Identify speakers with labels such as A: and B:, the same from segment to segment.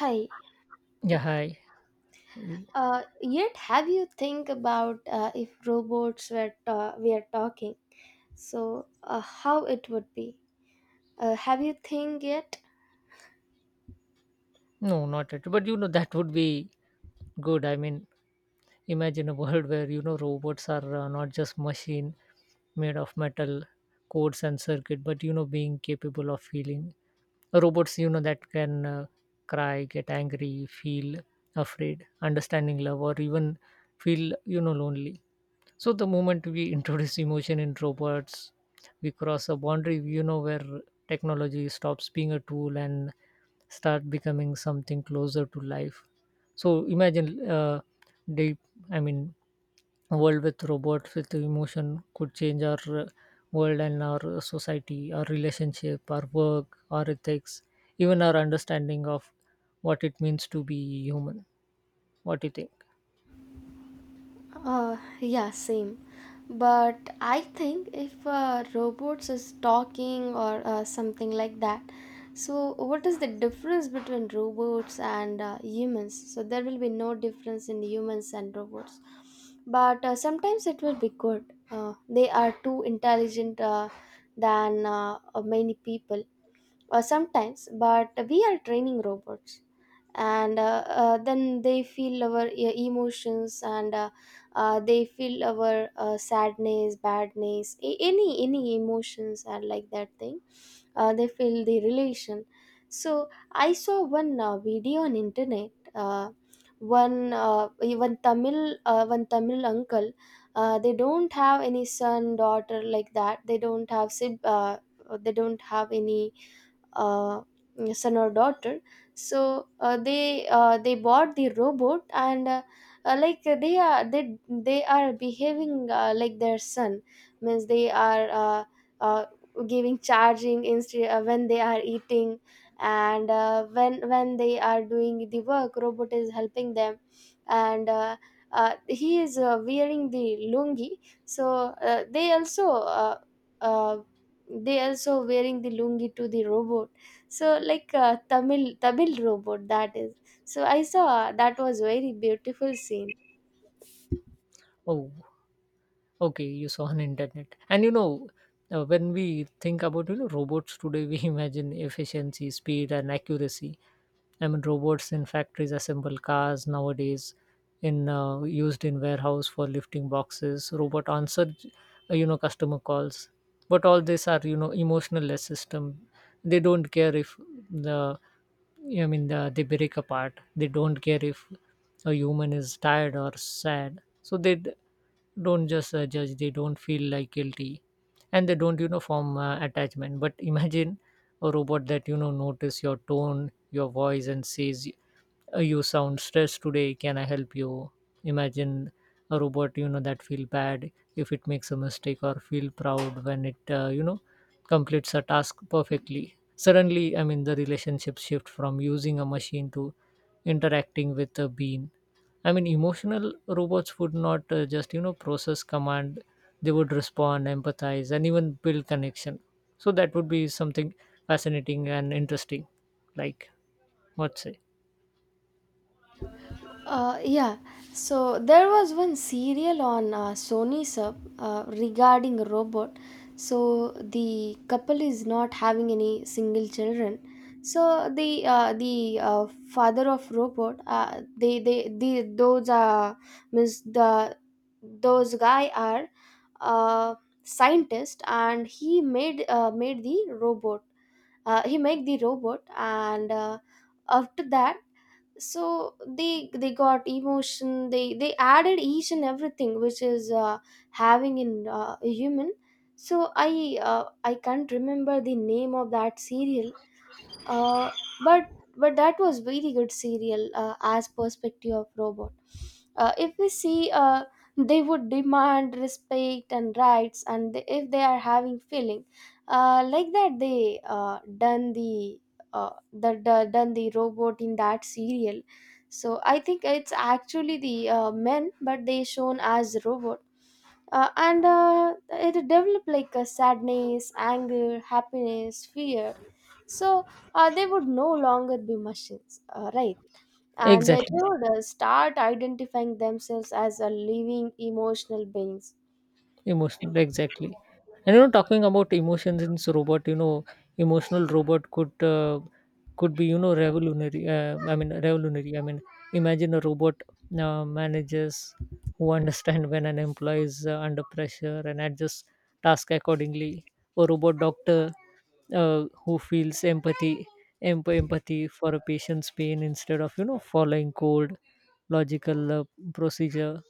A: Hi.
B: Yeah, hi. You,
A: Have you think about if robots were talking? So, how it would be? Have you think yet?
B: no, not at. But that would be good. I mean, imagine a world where robots are not just machine made of metal cords and circuit, but being capable of feeling. Robots, that can cry, get angry, feel afraid, understanding love, or even feel lonely. So the moment we introduce emotion in robots, we cross a boundary, where technology stops being a tool and start becoming something closer to life. So imagine deep, I mean, a world with robots with emotion could change our world and our society, our relationship, our work, our ethics, even our understanding of what it means to be human. What do you think?
A: Yeah, same. But I think if robots is talking or something like that, so what is the difference between robots and humans? So there will be no difference in humans and robots. But sometimes it will be good. They are too intelligent than many people sometimes, but we are training robots and then they feel our emotions, and they feel our sadness, badness, any emotions are like that thing. Uh, they feel the relation. So I saw one video on internet. Uh, one uh, one tamil uh, one Tamil uncle, they don't have any son, daughter like that. They don't have they don't have any uh, son or daughter. So they bought the robot, and like they are, they are behaving like their son. Means they are uh, giving charging instead when they are eating, and when they are doing the work, robot is helping them. And he is wearing the lungi, so uh, they also wearing the lungi to the robot. So like Tamil robot that is. So I saw that was very beautiful scene.
B: Oh, okay, you saw on internet. And when we think about robots today, we imagine efficiency, speed, and accuracy. I mean, robots in factories assemble cars nowadays, in used in warehouse for lifting boxes. Robot answer, customer calls. But all these are emotionless system. They don't care if the I mean, they break apart. They don't care if a human is tired or sad. So they don't just judge. They don't feel like guilty, and they don't form attachment. But imagine a robot that notice your tone, your voice, and says, you sound stressed today, can I help you? Imagine a robot that feel bad if it makes a mistake, or feel proud when it completes a task perfectly. Suddenly, I mean, the relationship shift from using a machine to interacting with a being. I mean, emotional robots would not just process command. They would respond, empathize, and even build connection. So that would be something fascinating and interesting. Like, what say?
A: Yeah, so there was one serial on Sony Sub regarding a robot. So the couple is not having any single children. So the father of robot, the those guy are uh scientist, and he made made the robot. He make the robot, and after that, so they got emotion. They added each and everything which is having in a human. So I can't remember the name of that serial, uh, but but that was very good serial as perspective of robot. If we see, they would demand respect and rights, and if they are having feeling like that, they done the done the robot in that serial. So I think it's actually the men, but they shown as robot, and it developed like a sadness, anger, happiness, fear. So they would no longer be machines, right, and they
B: Exactly.
A: would start identifying themselves as a living emotional beings.
B: Emotional, exactly. And talking about emotions in robot, emotional robot could be revolutionary. I mean, revolutionary. I mean, imagine a robot managers who understand when an employee is under pressure and adjust task accordingly. A robot doctor who feels empathy for a patient's pain instead of following cold logical procedure.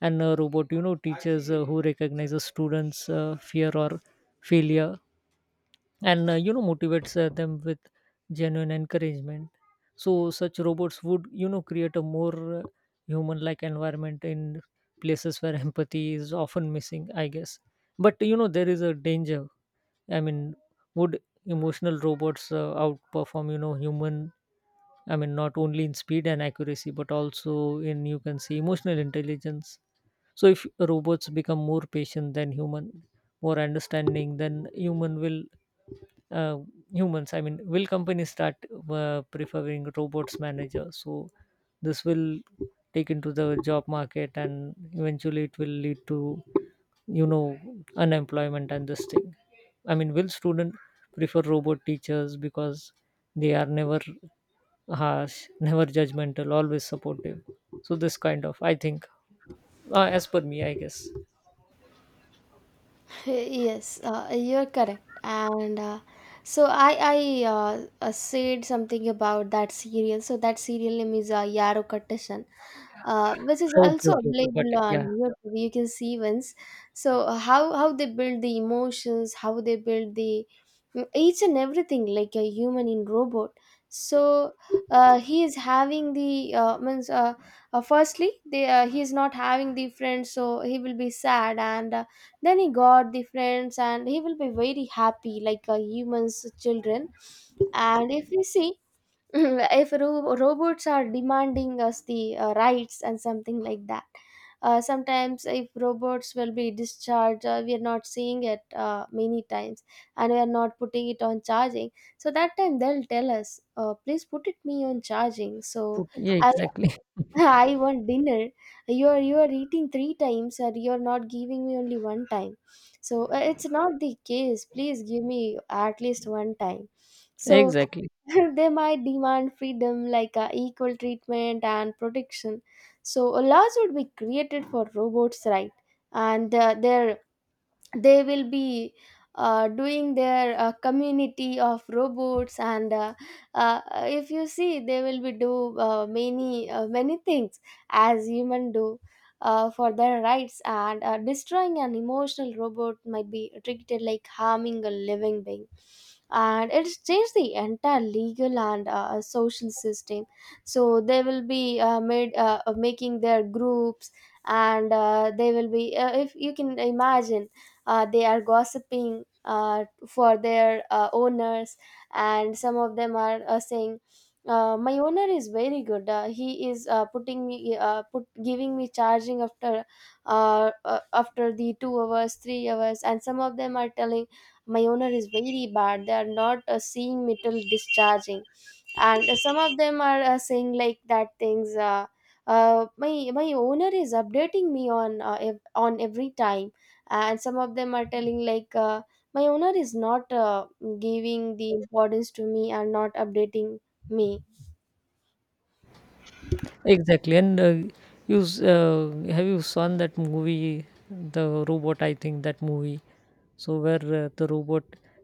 B: And a robot teaches who recognizes students fear or failure, and motivates them with genuine encouragement. So such robots would create a more human like environment in places where empathy is often missing, I guess. But there is a danger. I mean, would emotional robots outperform human. I mean, not only in speed and accuracy, but also in you can say emotional intelligence. So if robots become more patient than human, more understanding than human will uh, humans. I mean, will companies start preferring robots manager? So this will take into the job market, and eventually it will lead to you know unemployment and this thing. I mean, will student prefer robot teachers because they are never harsh, never judgmental, always supportive. So this kind of, I think, as per me, I guess.
A: Yes, you're correct. And so I said something about that serial. So that serial name is Yaro Kattashan, which is
B: Okay,
A: also
B: okay, okay, got
A: available
B: it.
A: on
B: Yeah,
A: YouTube. You can see once. So how they build the emotions, how they build the each and everything like a human in robot. So he is having the means firstly they he is not having the friends, so he will be sad. And then he got the friends, and he will be very happy like a humans children. And if we see, if robots are demanding us the rights and something like that, sometimes if robots will be discharged, we are not seeing it many times, and we are not putting it on charging. So that time they'll tell us, please put it me on charging. So
B: put, yeah,
A: I
B: exactly,
A: I want dinner. You're eating three times and you're not giving me only one time. So it's not the case. Please give me at least one time. So
B: exactly,
A: they might demand freedom like equal treatment and protection. So laws would be created for robots, right? And their they will be doing their community of robots. And if you see, they will be do many things as human do for their rights. And destroying an emotional robot might be treated like harming a living being, and it's changed the entire legal and social system. So they will be made making their groups. And they will be, if you can imagine, they are gossiping for their owners. And some of them are saying, my owner is very good, he is putting me put giving me charging after after the 2 hours 3 hours. And some of them are telling, my owner is very bad, they are not seeing me till discharging. And some of them are saying like that things, my my owner is updating me on on every time. And some of them are telling like, my owner is not giving the importance to me and not updating me.
B: exactly. And have you seen that movie, the robot? I think that movie. So where the robot,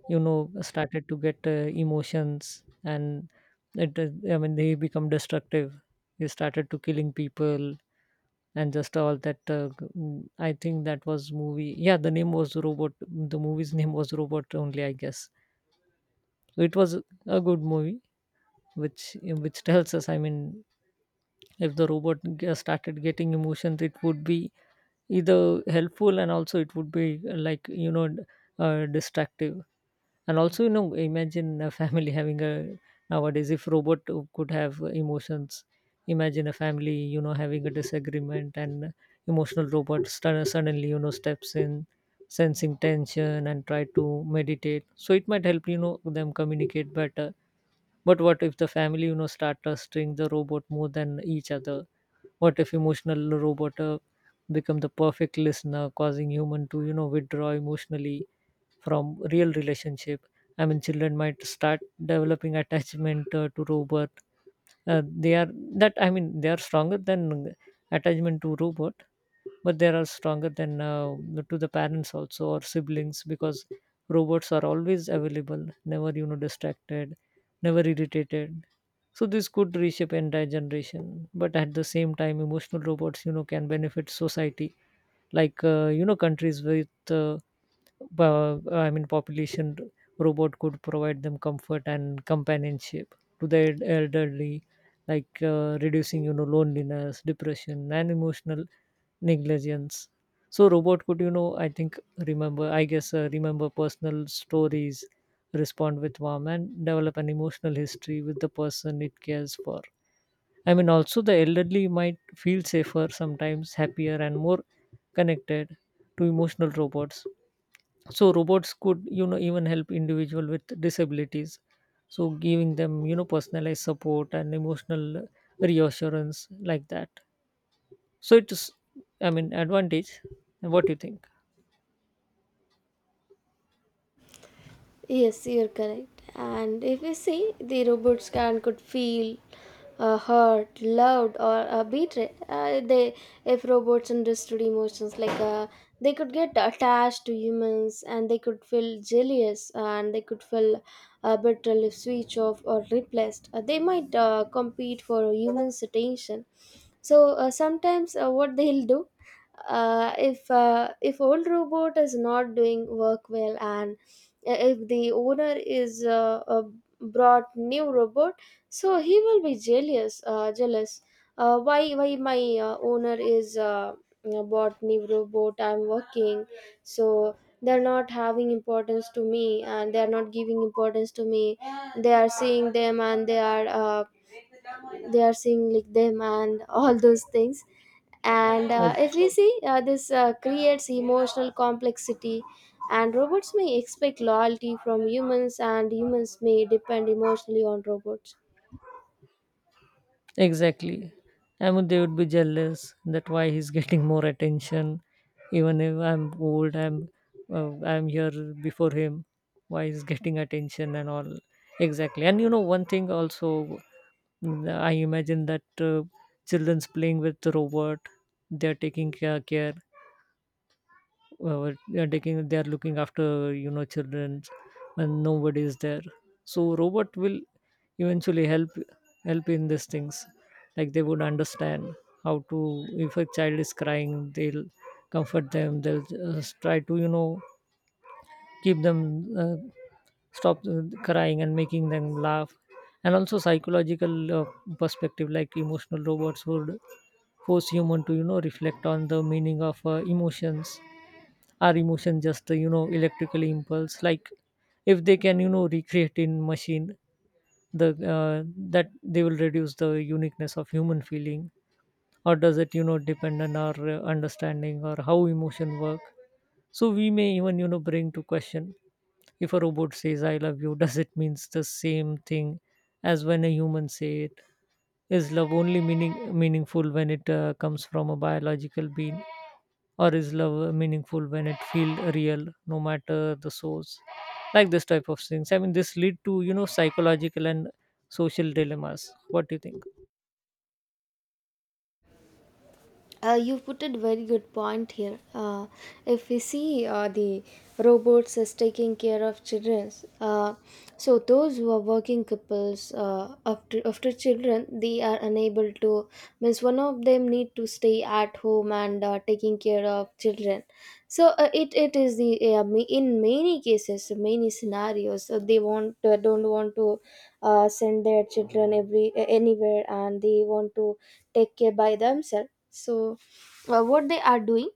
B: started to get emotions, and I mean, they become destructive. They started to killing people, and just all that. I think that was movie. Yeah, the name was robot. The movie's name was robot only, I guess. So it was a good movie which tells us. I mean, if the robot started getting emotions, it would be either helpful, and also it would be like distractive. And also, imagine a family having a, nowadays if robot could have emotions. Imagine a family, having a disagreement, and emotional robot suddenly, steps in, sensing tension and try to meditate. So it might help, them communicate better. But what if the family, start trusting the robot more than each other? What if emotional robot become the perfect listener, causing human to, withdraw emotionally from real relationship? I mean, children might start developing attachment to robot. They are that, I mean, they are stronger than attachment to robot, but they are stronger than to the parents also or siblings, because robots are always available, never distracted, never irritated. So this could reshape entire generation. But at the same time, emotional robots can benefit society, like countries with I mean, population, robot could provide them comfort and companionship to the elderly, like reducing, loneliness, depression, and emotional negligence. So, robot could, I think remember, I guess, remember personal stories, respond with warmth, and develop an emotional history with the person it cares for. I mean, also the elderly might feel safer, sometimes happier, and more connected to emotional robots. So robots could, even help individual with disabilities. So giving them, personalized support and emotional reassurance like that. So it's, I mean, advantage. What do you think?
A: Yes, you're correct. And if we see, the robot scan could feel hurt, loved, or betrayed. They, if robots understood emotions, like they could get attached to humans, and they could feel jealous, and they could feel betrayal if switched off or replaced. They might compete for humans' attention. So sometimes, what they'll do, if old robot is not doing work well and if the owner is brought new robot, so he will be jealous, jealous, uh, why my owner is bought new robot, I'm working. So they're not having importance to me, and they're not giving importance to me. They are seeing them, and they are seeing like them, and all those things. And
B: Right.
A: if we see, this creates emotional complexity, and robots may expect loyalty from humans, and humans may depend emotionally on robots.
B: Exactly. I mean, they would be jealous that why he's getting more attention, even if I'm old, I'm here before him. Why he's getting attention and all. Exactly. And one thing also. I imagine that children's playing with the robot. They are taking care. They are taking. They are looking after children, and nobody is there. So robot will eventually help in these things. Like they would understand how to. If a child is crying, they'll comfort them. They'll just try to keep them uh, stop crying, and making them laugh. And also psychological perspective, like emotional robots would force human to reflect on the meaning of emotions. Are emotions just electrical impulse? Like, if they can recreate in machine, the uh, that they will reduce the uniqueness of human feeling, or does it depend on our understanding or how emotion work? So we may even bring to question, if a robot says I love you, does it means the same thing as when a human say it? Is love only meaningful when it comes from a biological being, or is love meaningful when it feel real no matter the source? Like this type of things. I mean, this lead to psychological and social dilemmas. What do you think?
A: You put a very good point here. If we see the robots as taking care of children, uh, so those who are working couples, after after children, they are unable to. Means one of them need to stay at home and taking care of children. So it it is the in many cases, many scenarios, they want don't want to send their children every anywhere, and they want to take care by themselves. So what they are doing,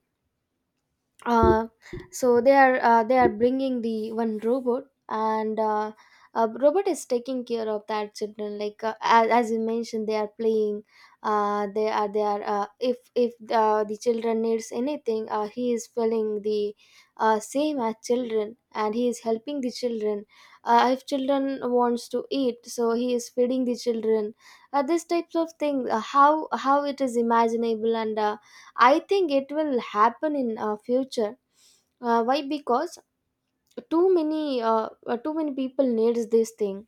A: uh, so they are bringing the one robot, and robot is taking care of that children, like as you mentioned, they are playing. Uh, they are if the children needs anything, he is filling the same as children, and he is helping the children. Uh, if children wants to eat, so he is feeding the children. Uh, this types of things, how it is imaginable. And I think it will happen in future. Why? Because too many people needs this thing,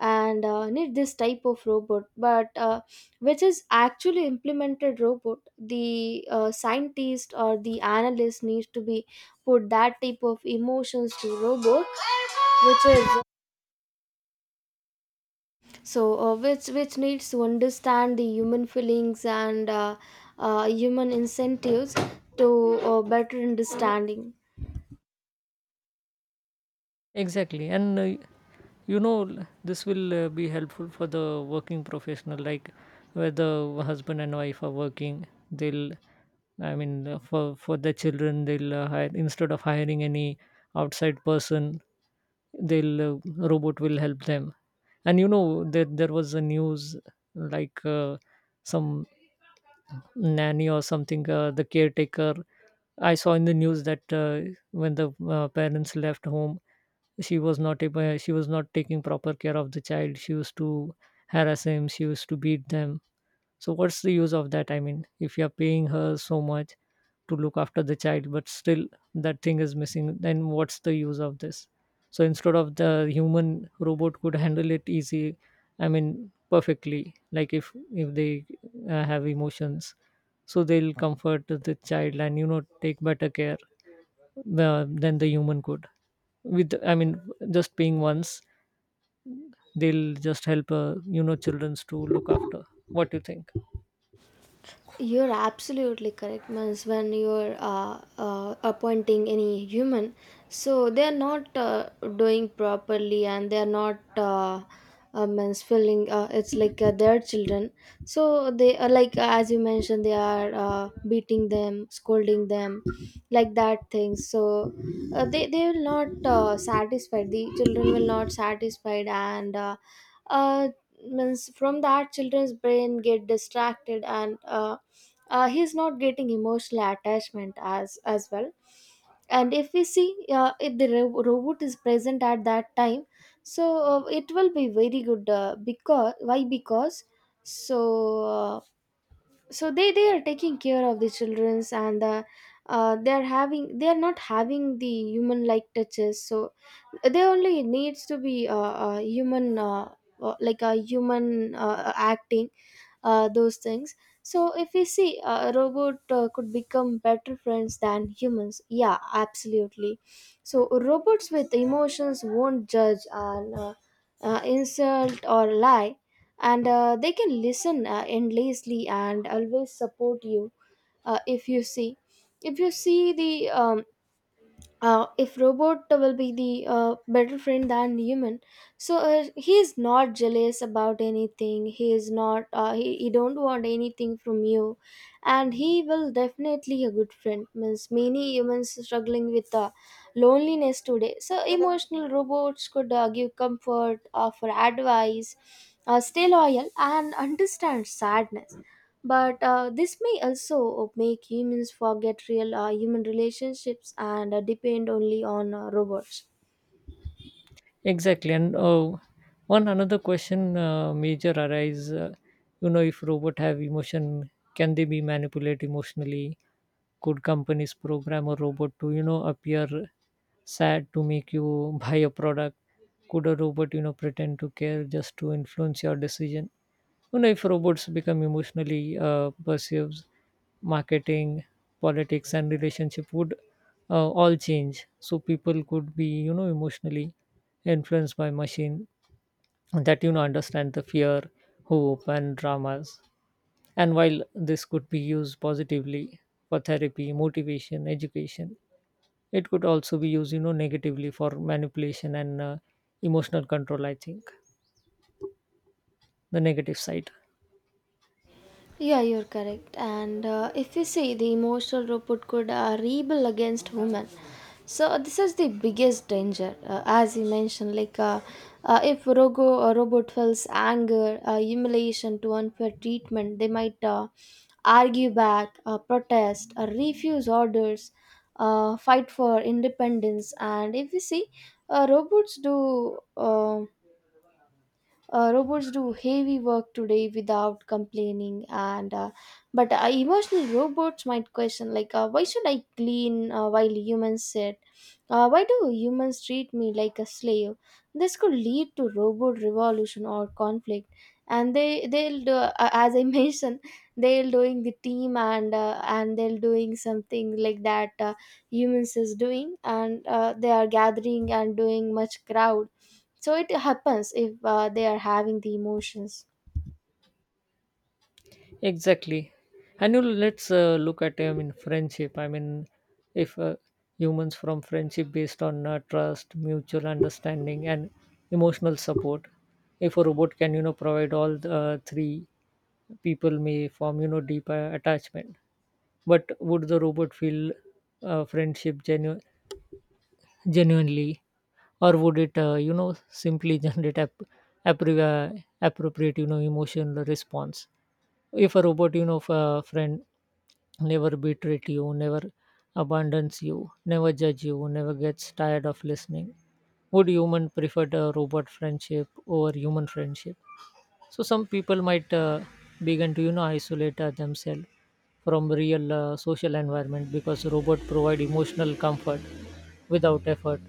A: and need this type of robot. But which is actually implemented robot, the scientist or the analyst needs to be put that type of emotions to robot, which is. So which needs to understand the human feelings and human incentives to better understanding.
B: Exactly, and this will be helpful for the working professional, like where the husband and wife are working. They'll, I mean, for the children, they'll hire instead of hiring any outside person. They'll Robot will help them. And that there was a news like some nanny or something, the caretaker. I saw in the news that when the parents left home, she was not taking proper care of the child. She used to harass him, she used to beat them. So what's the use of that? I mean, if you're paying her so much to look after the child, but still that thing is missing, then what's the use of this? So instead of the human, robot could handle it easy. I mean, perfectly, like if they have emotions, so they'll comfort the child, and take better care than the human could. With, I mean, just paying once, they'll just help childrens to look after. What do you think?
A: You're absolutely correct, Mans. When you're appointing any human, so they're not doing properly, and they're not means filling. It's like their children. So they are like, as you mentioned, they are beating them, scolding them, like that things. So they will not satisfied. The children will not satisfied. And uh, means from that children's brain get distracted. And he's not getting emotional attachment as well. And if we see, if the robot is present at that time, so it will be very good, because why? Because so uh, so they are taking care of the childrens. And they are having, they are not having the human like touches. So they only needs to be human like a human acting those things. So if we see, a robot could become better friends than humans, yeah, absolutely. So robots with emotions won't judge and insult or lie, and they can listen endlessly and always support you. Uh, if you see, if you see the if robot will be the better friend than human, so he is not jealous about anything. He is not he don't want anything from you, and he will definitely a good friend. Means many humans struggling with loneliness today, so emotional robots could give comfort, offer advice, stay loyal, and understand sadness. But this may also make humans forget real human relationships and depend only on robots.
B: Exactly, and one another question major arise. If robot have emotion, can they be manipulated emotionally? Could companies program a robot to, appear sad to make you buy a product? Could a robot, pretend to care just to influence your decision? If robots become emotionally perceives, marketing, politics, and relationship would all change. So people could be, emotionally influenced by machine that understand the fear, hope, and dramas. And while this could be used positively for therapy, motivation, education, it could also be used negatively for manipulation and emotional control, I think. The negative side.
A: Yeah, you're correct. And if you see, the emotional robot could rebel against human. So this is the biggest danger, as you mentioned. Like if rogo a robot feels anger, humiliation to unfair treatment, they might argue back, protest, refuse orders, fight for independence. And if you see, robots do. Uh, robots do heavy work today without complaining. And but emotional robots might question like, why should I clean while humans sit? Uh, why do humans treat me like a slave? This could lead to robot revolution or conflict. And they they'll do, as I mentioned, they'll doing the team, and they'll doing something like that humans is doing. And they are gathering and doing much crowd. So it happens if they are having the emotions.
B: Exactly. And you let's look at, I mean, friendship. I mean, if humans from friendship based on trust, mutual understanding, and emotional support, if a robot can provide all the, three, people may form deeper attachment. But would the robot feel friendship genuinely, or would it simply generate appropriate emotional response? If a robot, friend never betrayed you, never abandons you, never judge you, never gets tired of listening, would human prefer a robot friendship over human friendship? So some people might begin to, isolate themselves from real social environment, because robot provide emotional comfort without effort.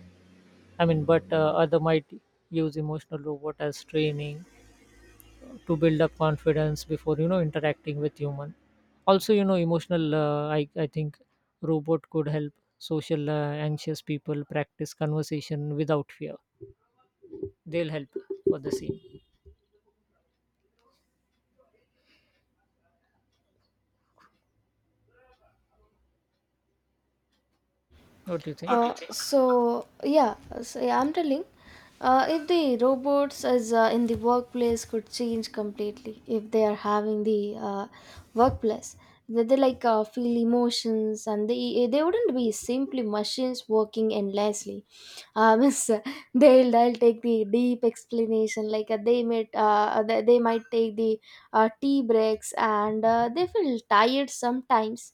B: I mean, but other might use emotional robot as training to build up confidence before interacting with human. Also, emotional, I think robot could help social anxious people practice conversation without fear. They'll help for the scene. What do you think?
A: Okay. So yeah, so yeah, I'm telling. If the robots as in the workplace could change completely, if they are having the workplace, that they like feel emotions, and they wouldn't be simply machines working endlessly. It's, uh, they'll take the deep explanation, like they might they might take the tea breaks, and they feel tired sometimes.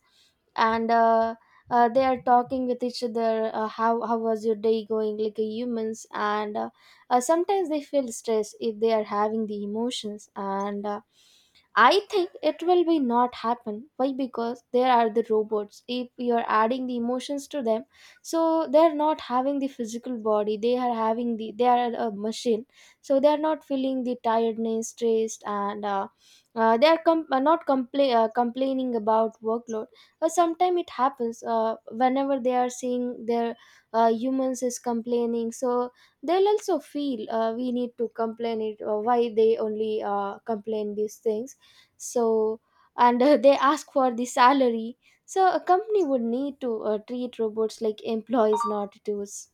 A: And they are talking with each other, how was your day going, like a humans. And sometimes they feel stressed if they are having the emotions. And I think it will be not happen. Why? Because there are the robots. If you are adding the emotions to them, so they are not having the physical body. They are having the they are a machine. So they are not feeling the tiredness, stressed. And they are not complaining about workload. Uh, sometimes it happens whenever they are seeing their humans is complaining. So they'll also feel, we need to complain it, or why they only complain these things. So and they ask for the salary. So a company would need to treat robots like employees, not tools.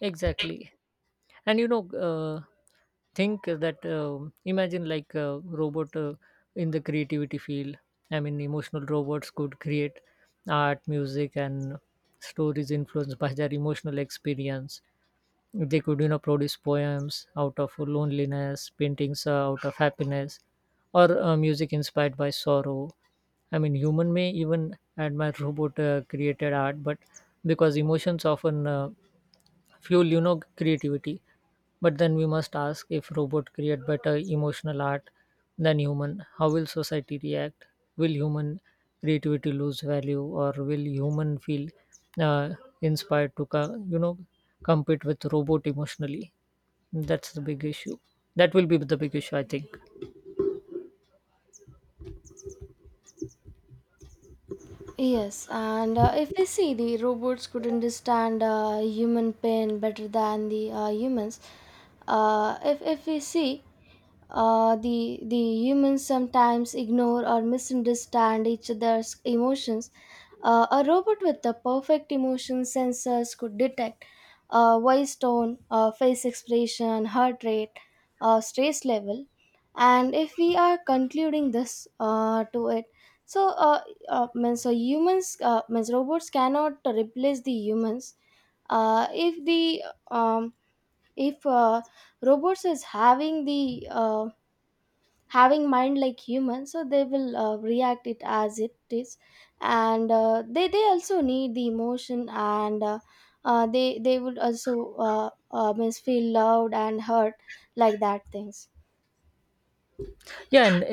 B: Exactly, and think that imagine like a robot in the creativity field. I mean, emotional robots could create art, music, and stories influenced by their emotional experience. They could produce poems out of loneliness, paintings out of happiness, or music inspired by sorrow. I mean, human may even admire robot created art, but because emotions often fuel creativity. But then we must ask, if robot create better emotional art than human, how will society react? Will human creativity lose value, or will human feel uh, inspired to compete with robot emotionally? That's the big issue. That will be the big issue, I think.
A: Yes, and if we see, the robots could understand human pain better than the humans. If we see, the humans sometimes ignore or misunderstand each other's emotions. A robot with the perfect emotion sensors could detect voice tone, face expression, heart rate, stress level. And if we are concluding this to it, so means humans means robots cannot replace the humans. Uh, if the um, if robots is having the having mind like humans, so they will react it as it is. And they also need the emotion. And they would also means feel loved and hurt, like that things.
B: Yeah, and